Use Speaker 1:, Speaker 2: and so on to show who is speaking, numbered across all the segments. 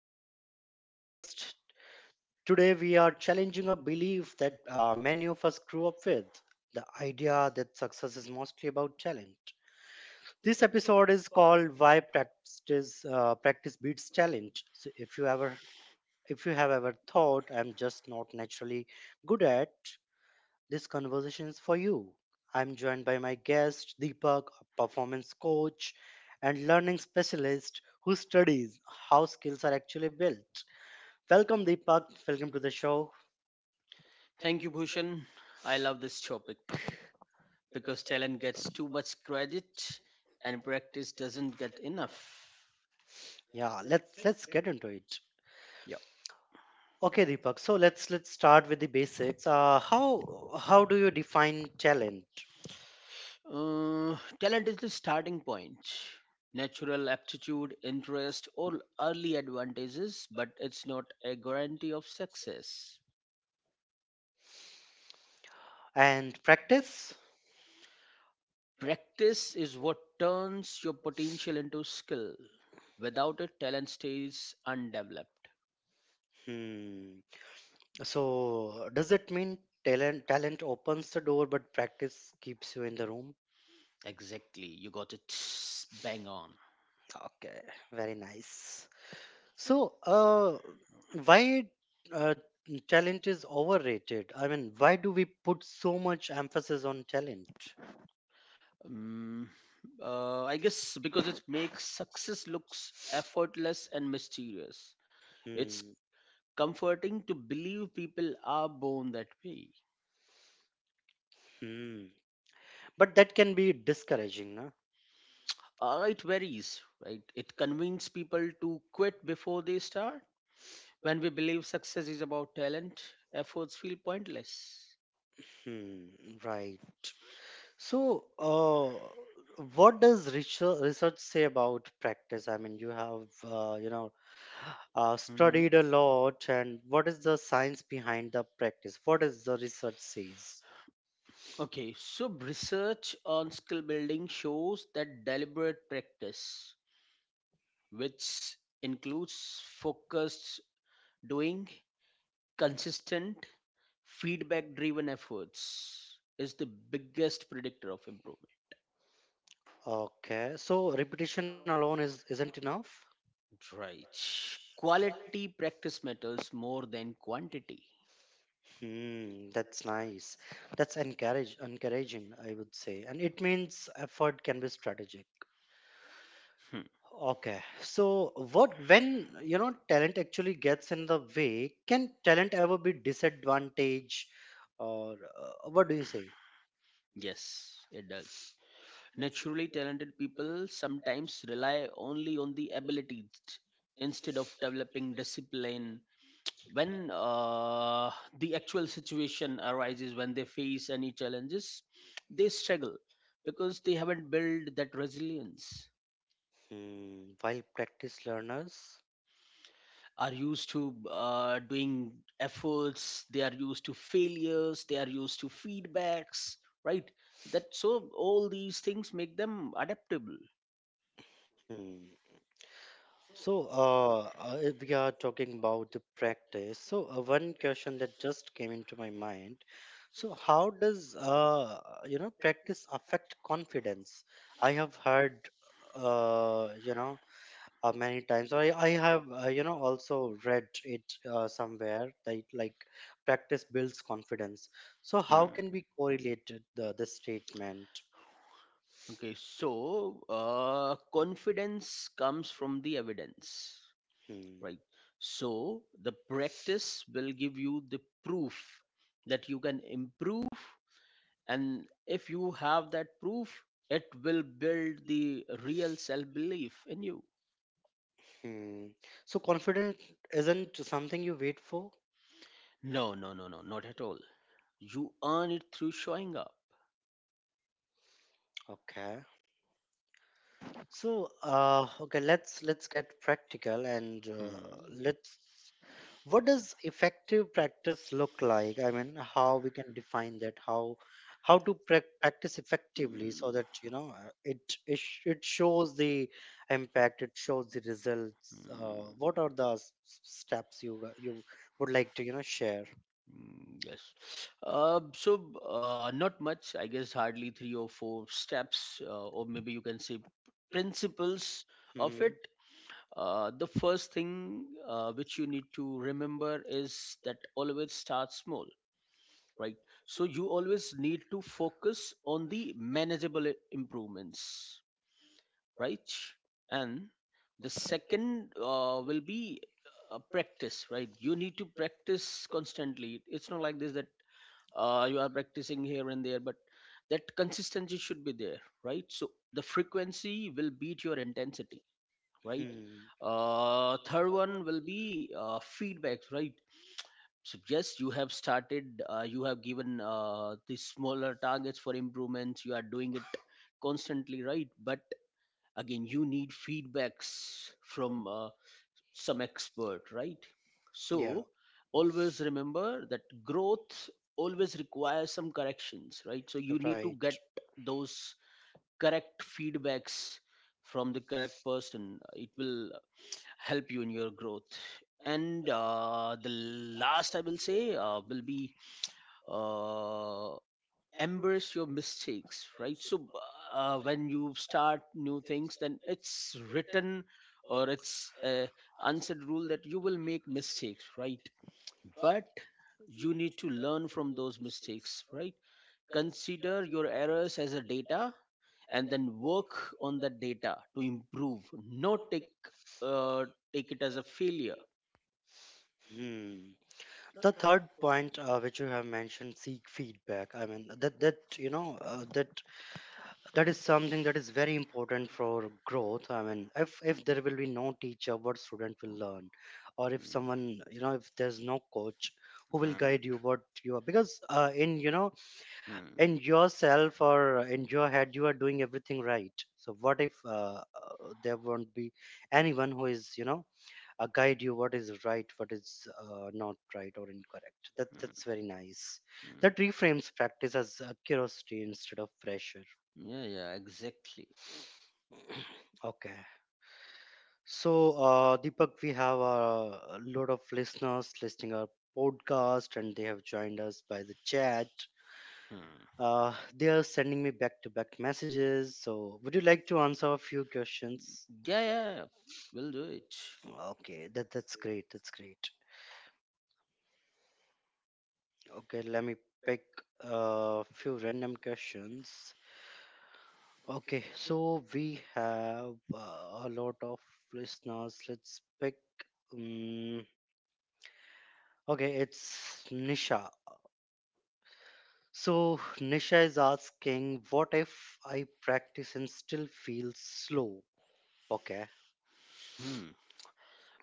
Speaker 1: back to the podcast. Today, we are challenging a belief that many of us grew up with the idea that success is mostly about talent. This episode is called "Why Practice Practice Beats Talent." So, if you have ever thought I'm just not naturally good at, this conversation is for you. I'm joined by my guest, Deepak, a performance coach and learning specialist who studies how skills are actually built. Welcome, Deepak. Welcome to the show.
Speaker 2: Thank you, Bhushan. I love this topic because talent gets too much credit and practice doesn't get enough.
Speaker 1: Yeah, let's get into it.
Speaker 2: Yeah.
Speaker 1: Okay, Deepak. So let's start with the basics. How do you define talent
Speaker 2: Talent is the starting point. Natural aptitude, interest, or early advantages, but it's not a guarantee of success.
Speaker 1: and practice?
Speaker 2: Practice is what turns your potential into skill. Without it, talent stays undeveloped.
Speaker 1: Hmm. So does it mean talent opens the door, but practice keeps you in the room?
Speaker 2: Exactly, you got it bang on.
Speaker 1: Okay, very nice. So, why uh, talent is overrated? I mean, why do we put so much emphasis on talent?
Speaker 2: Um, I guess because it makes success looks effortless and mysterious. It's
Speaker 1: Hmm.
Speaker 2: comforting to believe people are born that way.
Speaker 1: Hmm. But that can be discouraging, na?
Speaker 2: It varies, right? It convinces people to quit before they start. When we believe success is about talent, efforts feel pointless.
Speaker 1: Hmm. Right. So, what does research say about practice? I mean, you have,
Speaker 2: Mhm.
Speaker 1: studied a lot, and what is the science behind the practice? What does the research says?
Speaker 2: Okay, so research on skill building shows that deliberate practice, which includes focused doing, consistent, feedback driven efforts, is the biggest predictor of improvement.
Speaker 1: Okay, so repetition alone is isn't enough.
Speaker 2: Right. Quality practice matters more than quantity.
Speaker 1: Hmm, that's nice. That's encourage encouraging, I would say. And it means effort can be strategic.
Speaker 2: Hmm.
Speaker 1: Okay. So what when you know talent actually gets in the way, can talent ever be disadvantage or what do you say?
Speaker 2: Yes, it does. Naturally talented people sometimes rely only on the abilities instead of developing discipline when the actual situation arises when they face any challenges, they struggle because they haven't built that resilience.
Speaker 1: Hmm, while practice learners?
Speaker 2: Are used to doing efforts, they are used to failures, they are used to feedbacks, right? That, so all these things make them adaptable.
Speaker 1: Hmm. So, if we are talking about the practice, so one question that just came into my mind. So, how does you know practice affect confidence? I have heard you know many times. I have you know also read it somewhere that like practice builds confidence. So, how
Speaker 2: Hmm.
Speaker 1: can we correlate it- the statement?
Speaker 2: Okay, so confidence comes from the evidence,
Speaker 1: Hmm.
Speaker 2: right? So the practice will give you the proof that you can improve, and if you have that proof, it will build the real self belief in you.
Speaker 1: Hmm. So, confident isn't something you wait for.
Speaker 2: No, no, no, no, not at all. You earn it through showing up.
Speaker 1: Okay. So, okay, let's get practical and
Speaker 2: Hmm.
Speaker 1: let's. What does effective practice look like? I mean, how we can define that? How to prac practice effectively so that you know it it shows the impact, it shows the results.
Speaker 2: Hmm.
Speaker 1: What are the s- s- steps you would like to you know share?
Speaker 2: Mm, yes. Uh, so, Not much, I guess, hardly three or four steps, or maybe you can say principles of it.
Speaker 1: Hmm.
Speaker 2: The first thing which you need to remember is that always start small, right? So, you always need to focus on the manageable improvements, right? And the second will be practice, right? You need to practice constantly. It's not like this that you are practicing here and there, but that consistency should be there, right? So the frequency will beat your intensity, right?
Speaker 1: Hmm.
Speaker 2: Third one will be feedbacks, right? So yes, you have started, you have given these smaller targets for improvements, you are doing it constantly, right? But again, you need feedbacks from some expert, right?
Speaker 1: Yeah.
Speaker 2: So always remember that growth always requires some corrections, right? So you need to
Speaker 1: Right.
Speaker 2: get those correct feedbacks from the correct person. It will help you in your growth. And the last I will say will be uh, embrace your mistakes, right? So when you start new things, then it's written or it's a unsaid rule that you will make mistakes, right? But you need to learn from those mistakes, right? Consider your errors as a data and then work on the data to improve, not take uh, take it as a failure.
Speaker 1: Hmm. The third point which you have mentioned, seek feedback. I mean that you know that that is something that is very important for growth. I mean if there will be no teacher, what student will learn? Or if someone you know, if there's no coach who will guide you what you are, because in you know in yourself or in your head you are doing everything right. So what if there won't be anyone who is you know guide you what is right, what is not right or incorrect? That that's very nice. That
Speaker 2: Mm.
Speaker 1: reframes practice as curiosity instead of pressure.
Speaker 2: Yeah, yeah, exactly.
Speaker 1: Okay, so Deepak, we have a lot of listeners listening our podcast, and they have joined us by the chat.
Speaker 2: Hmm.
Speaker 1: They are sending me back to back messages, so would you like to answer a few questions?
Speaker 2: Yeah, yeah, yeah, we'll do it.
Speaker 1: Okay, that that's great. That's great. Okay, let me pick a few random questions. Okay, so we have a lot of listeners. Let's pick. Um, okay, it's Nisha. So Nisha is asking, what if I practice and still feel slow? Okay.
Speaker 2: Hmm.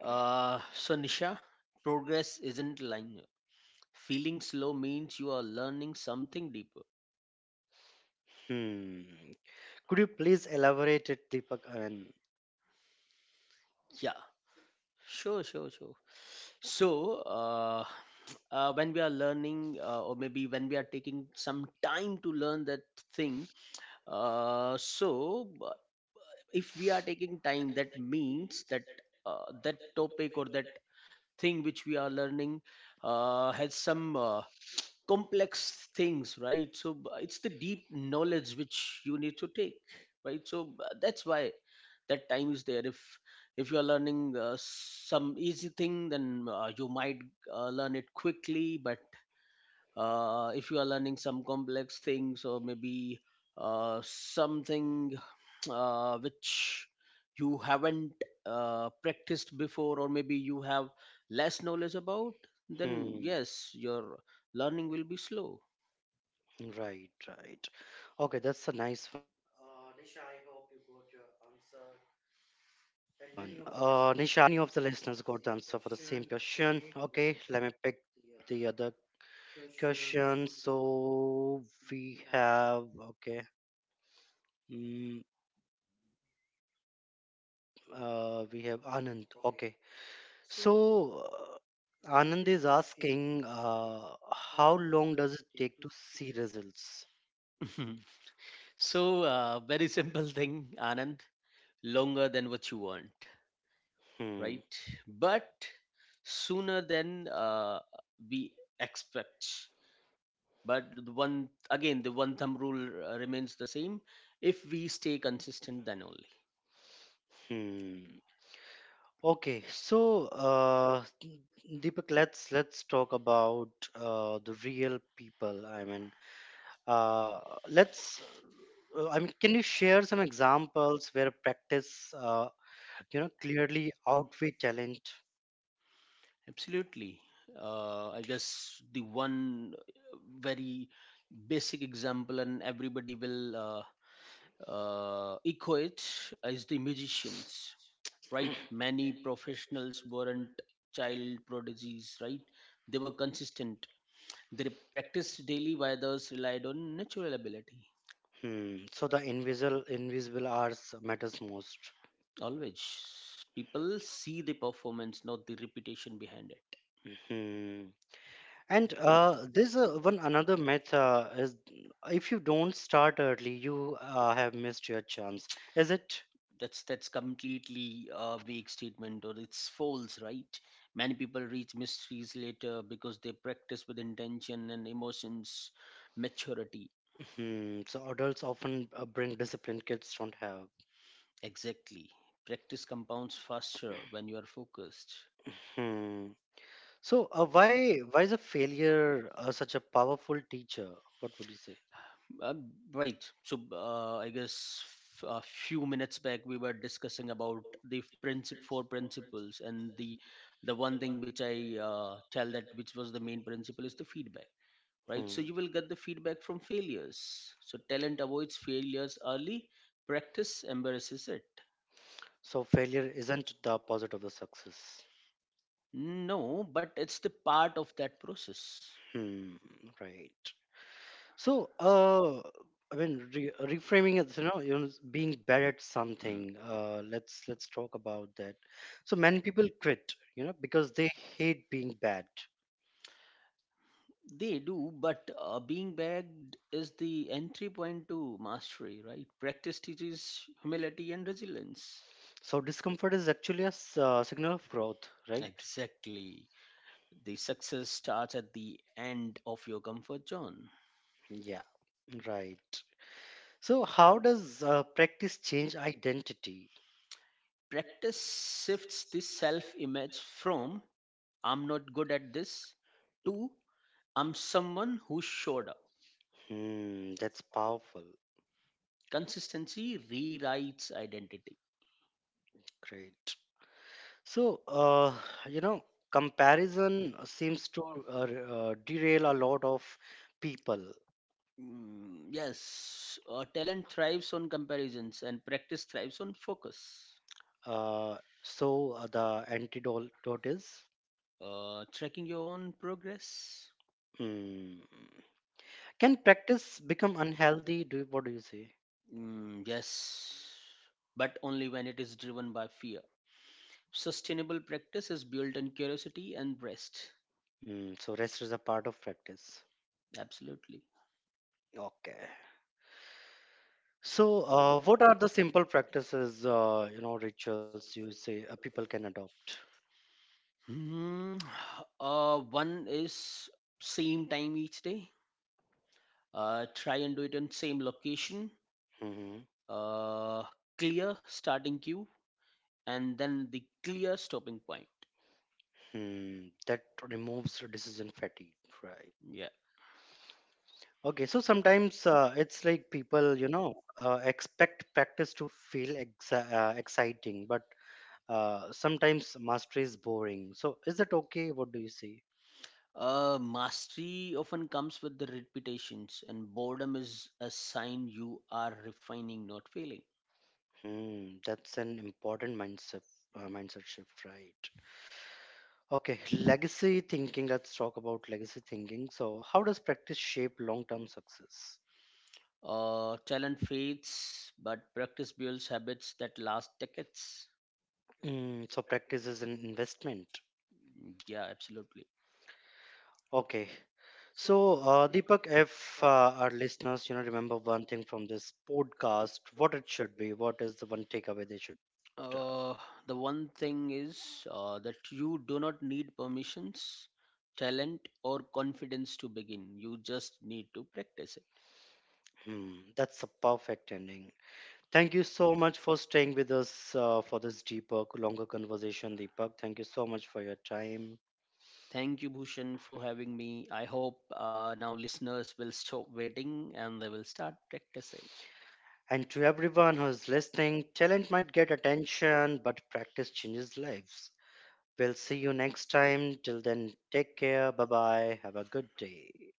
Speaker 2: So, Nisha, progress isn't linear. Feeling slow means you are learning something deeper.
Speaker 1: Hmm. Could you please elaborate it, Deepak? And
Speaker 2: Yeah, sure, sure, sure. So, when we are learning, or maybe when we are taking some time to learn that thing, Uh, so b- if we are taking time, that means that that topic or that thing which we are learning has some complex things, right? It's the deep knowledge which you need to take, right? So that's why that time is there. If you are learning some easy thing, then you might learn it quickly, but if you are learning some complex things, or maybe something which you haven't practiced before, or maybe you have less knowledge about, then
Speaker 1: hmm.
Speaker 2: yes, your learning will be slow.
Speaker 1: Right, right. Okay, that's a nice one. Nisha, any of the listeners got the answer for the same question? Okay, let me pick the other discussion. So we have okay. Mm, we have Anand. Okay. So Anand is asking, how long does it take to see results?
Speaker 2: so very simple thing, Anand. Longer than what you want,
Speaker 1: Hmm.
Speaker 2: right? But sooner than we expect. But the one thumb rule remains the same. If we stay consistent, then only.
Speaker 1: Hmm. Okay. So Deepak, let's talk about the real people. I mean, uh, let's. I mean, can you share some examples where practice you know clearly outweigh talent?
Speaker 2: Absolutely. I guess the one very basic example, and everybody will echo it, is the magicians, right? Many professionals weren't child prodigies, right? They were consistent. They practiced daily while others relied on natural ability.
Speaker 1: Hmm. So the invisible hours matters most.
Speaker 2: Always people see the performance, not the reputation behind it.
Speaker 1: Hmm. And there's one another myth is if you don't start early you have missed your chance, is it?
Speaker 2: That's completely a vague statement, or it's false, right? Many people reach mysteries later because they practice with intention and emotions, maturity.
Speaker 1: Hmm. So adults often bring discipline kids don't have.
Speaker 2: Exactly. Practice compounds faster when you are focused.
Speaker 1: Hmm. So why is a failure such a powerful teacher? What would you say?
Speaker 2: Um, right. So I guess a few minutes back we were discussing about the four principles, and the one thing which I tell, that which was the main principle, is the feedback. Right.
Speaker 1: Hmm.
Speaker 2: So you will get the feedback from failures. So talent avoids failures early. Practice embarrasses it.
Speaker 1: So failure isn't the opposite of the success.
Speaker 2: No, but it's the part of that process.
Speaker 1: Hmm. Right. So, I mean, reframing it, you know, being bad at something. Let's talk about that. So many people quit, you know, because they hate being bad.
Speaker 2: They do, but being bagged is the entry point to mastery, right? Practice teaches humility and resilience.
Speaker 1: So discomfort is actually a signal of growth, right?
Speaker 2: Exactly. The success starts at the end of your comfort zone.
Speaker 1: Yeah. Right. So how does practice change identity?
Speaker 2: Practice shifts the self image from I'm not good at this to I'm someone who showed up.
Speaker 1: Hmm. That's powerful.
Speaker 2: Consistency rewrites identity.
Speaker 1: Great. So, you know, comparison seems to uh, r- derail a lot of people.
Speaker 2: Mm, yes, talent thrives on comparisons and practice thrives on focus.
Speaker 1: Uh, so the antidote is,
Speaker 2: Tracking your own progress?
Speaker 1: mm, can practice become unhealthy? Do you, what do you say?
Speaker 2: Mm, yes, but only when it is driven by fear. Sustainable practice is built on curiosity and rest.
Speaker 1: Mm, so, rest is a part of practice.
Speaker 2: Absolutely.
Speaker 1: Okay. So, what are the simple practices, you know, rituals you say people can adopt?
Speaker 2: Hmm. One is same time each day. Try and do it in same location.
Speaker 1: Hmm.
Speaker 2: Uh, clear starting queue and then the clear stopping point.
Speaker 1: Hmm, that removes decision fatigue, right? Okay, so sometimes it's like people, you know, expect practice to feel ex exciting, but sometimes mastery is boring. So is that okay? What do you see?
Speaker 2: Mastery often comes with the repetitions, and boredom is a sign you are refining, not failing.
Speaker 1: Hmm, that's an important mindset shift, right? Okay, legacy thinking. Let's talk about legacy thinking. So how does practice shape long-term success?
Speaker 2: Talent fades, but practice builds habits that last decades.
Speaker 1: Hmm, so practice is an investment.
Speaker 2: Yeah, absolutely.
Speaker 1: Okay, so, Deepak, if our listeners, you know, remember one thing from this podcast, what it should be, what is the one takeaway they should? Uh,
Speaker 2: Uh, the one thing is that you do not need permissions, talent, or confidence to begin. You just need to practice it.
Speaker 1: hmm, that's a perfect ending. Thank you so much for staying with us for this deeper, longer conversation, Deepak. Thank you so much for your time.
Speaker 2: Thank you, Bhushan, for having me. I hope now listeners will stop waiting and they will start practicing.
Speaker 1: And to everyone who is listening, talent might get attention, but practice changes lives. We'll see you next time. Till then, take care. Bye bye. Have a good day.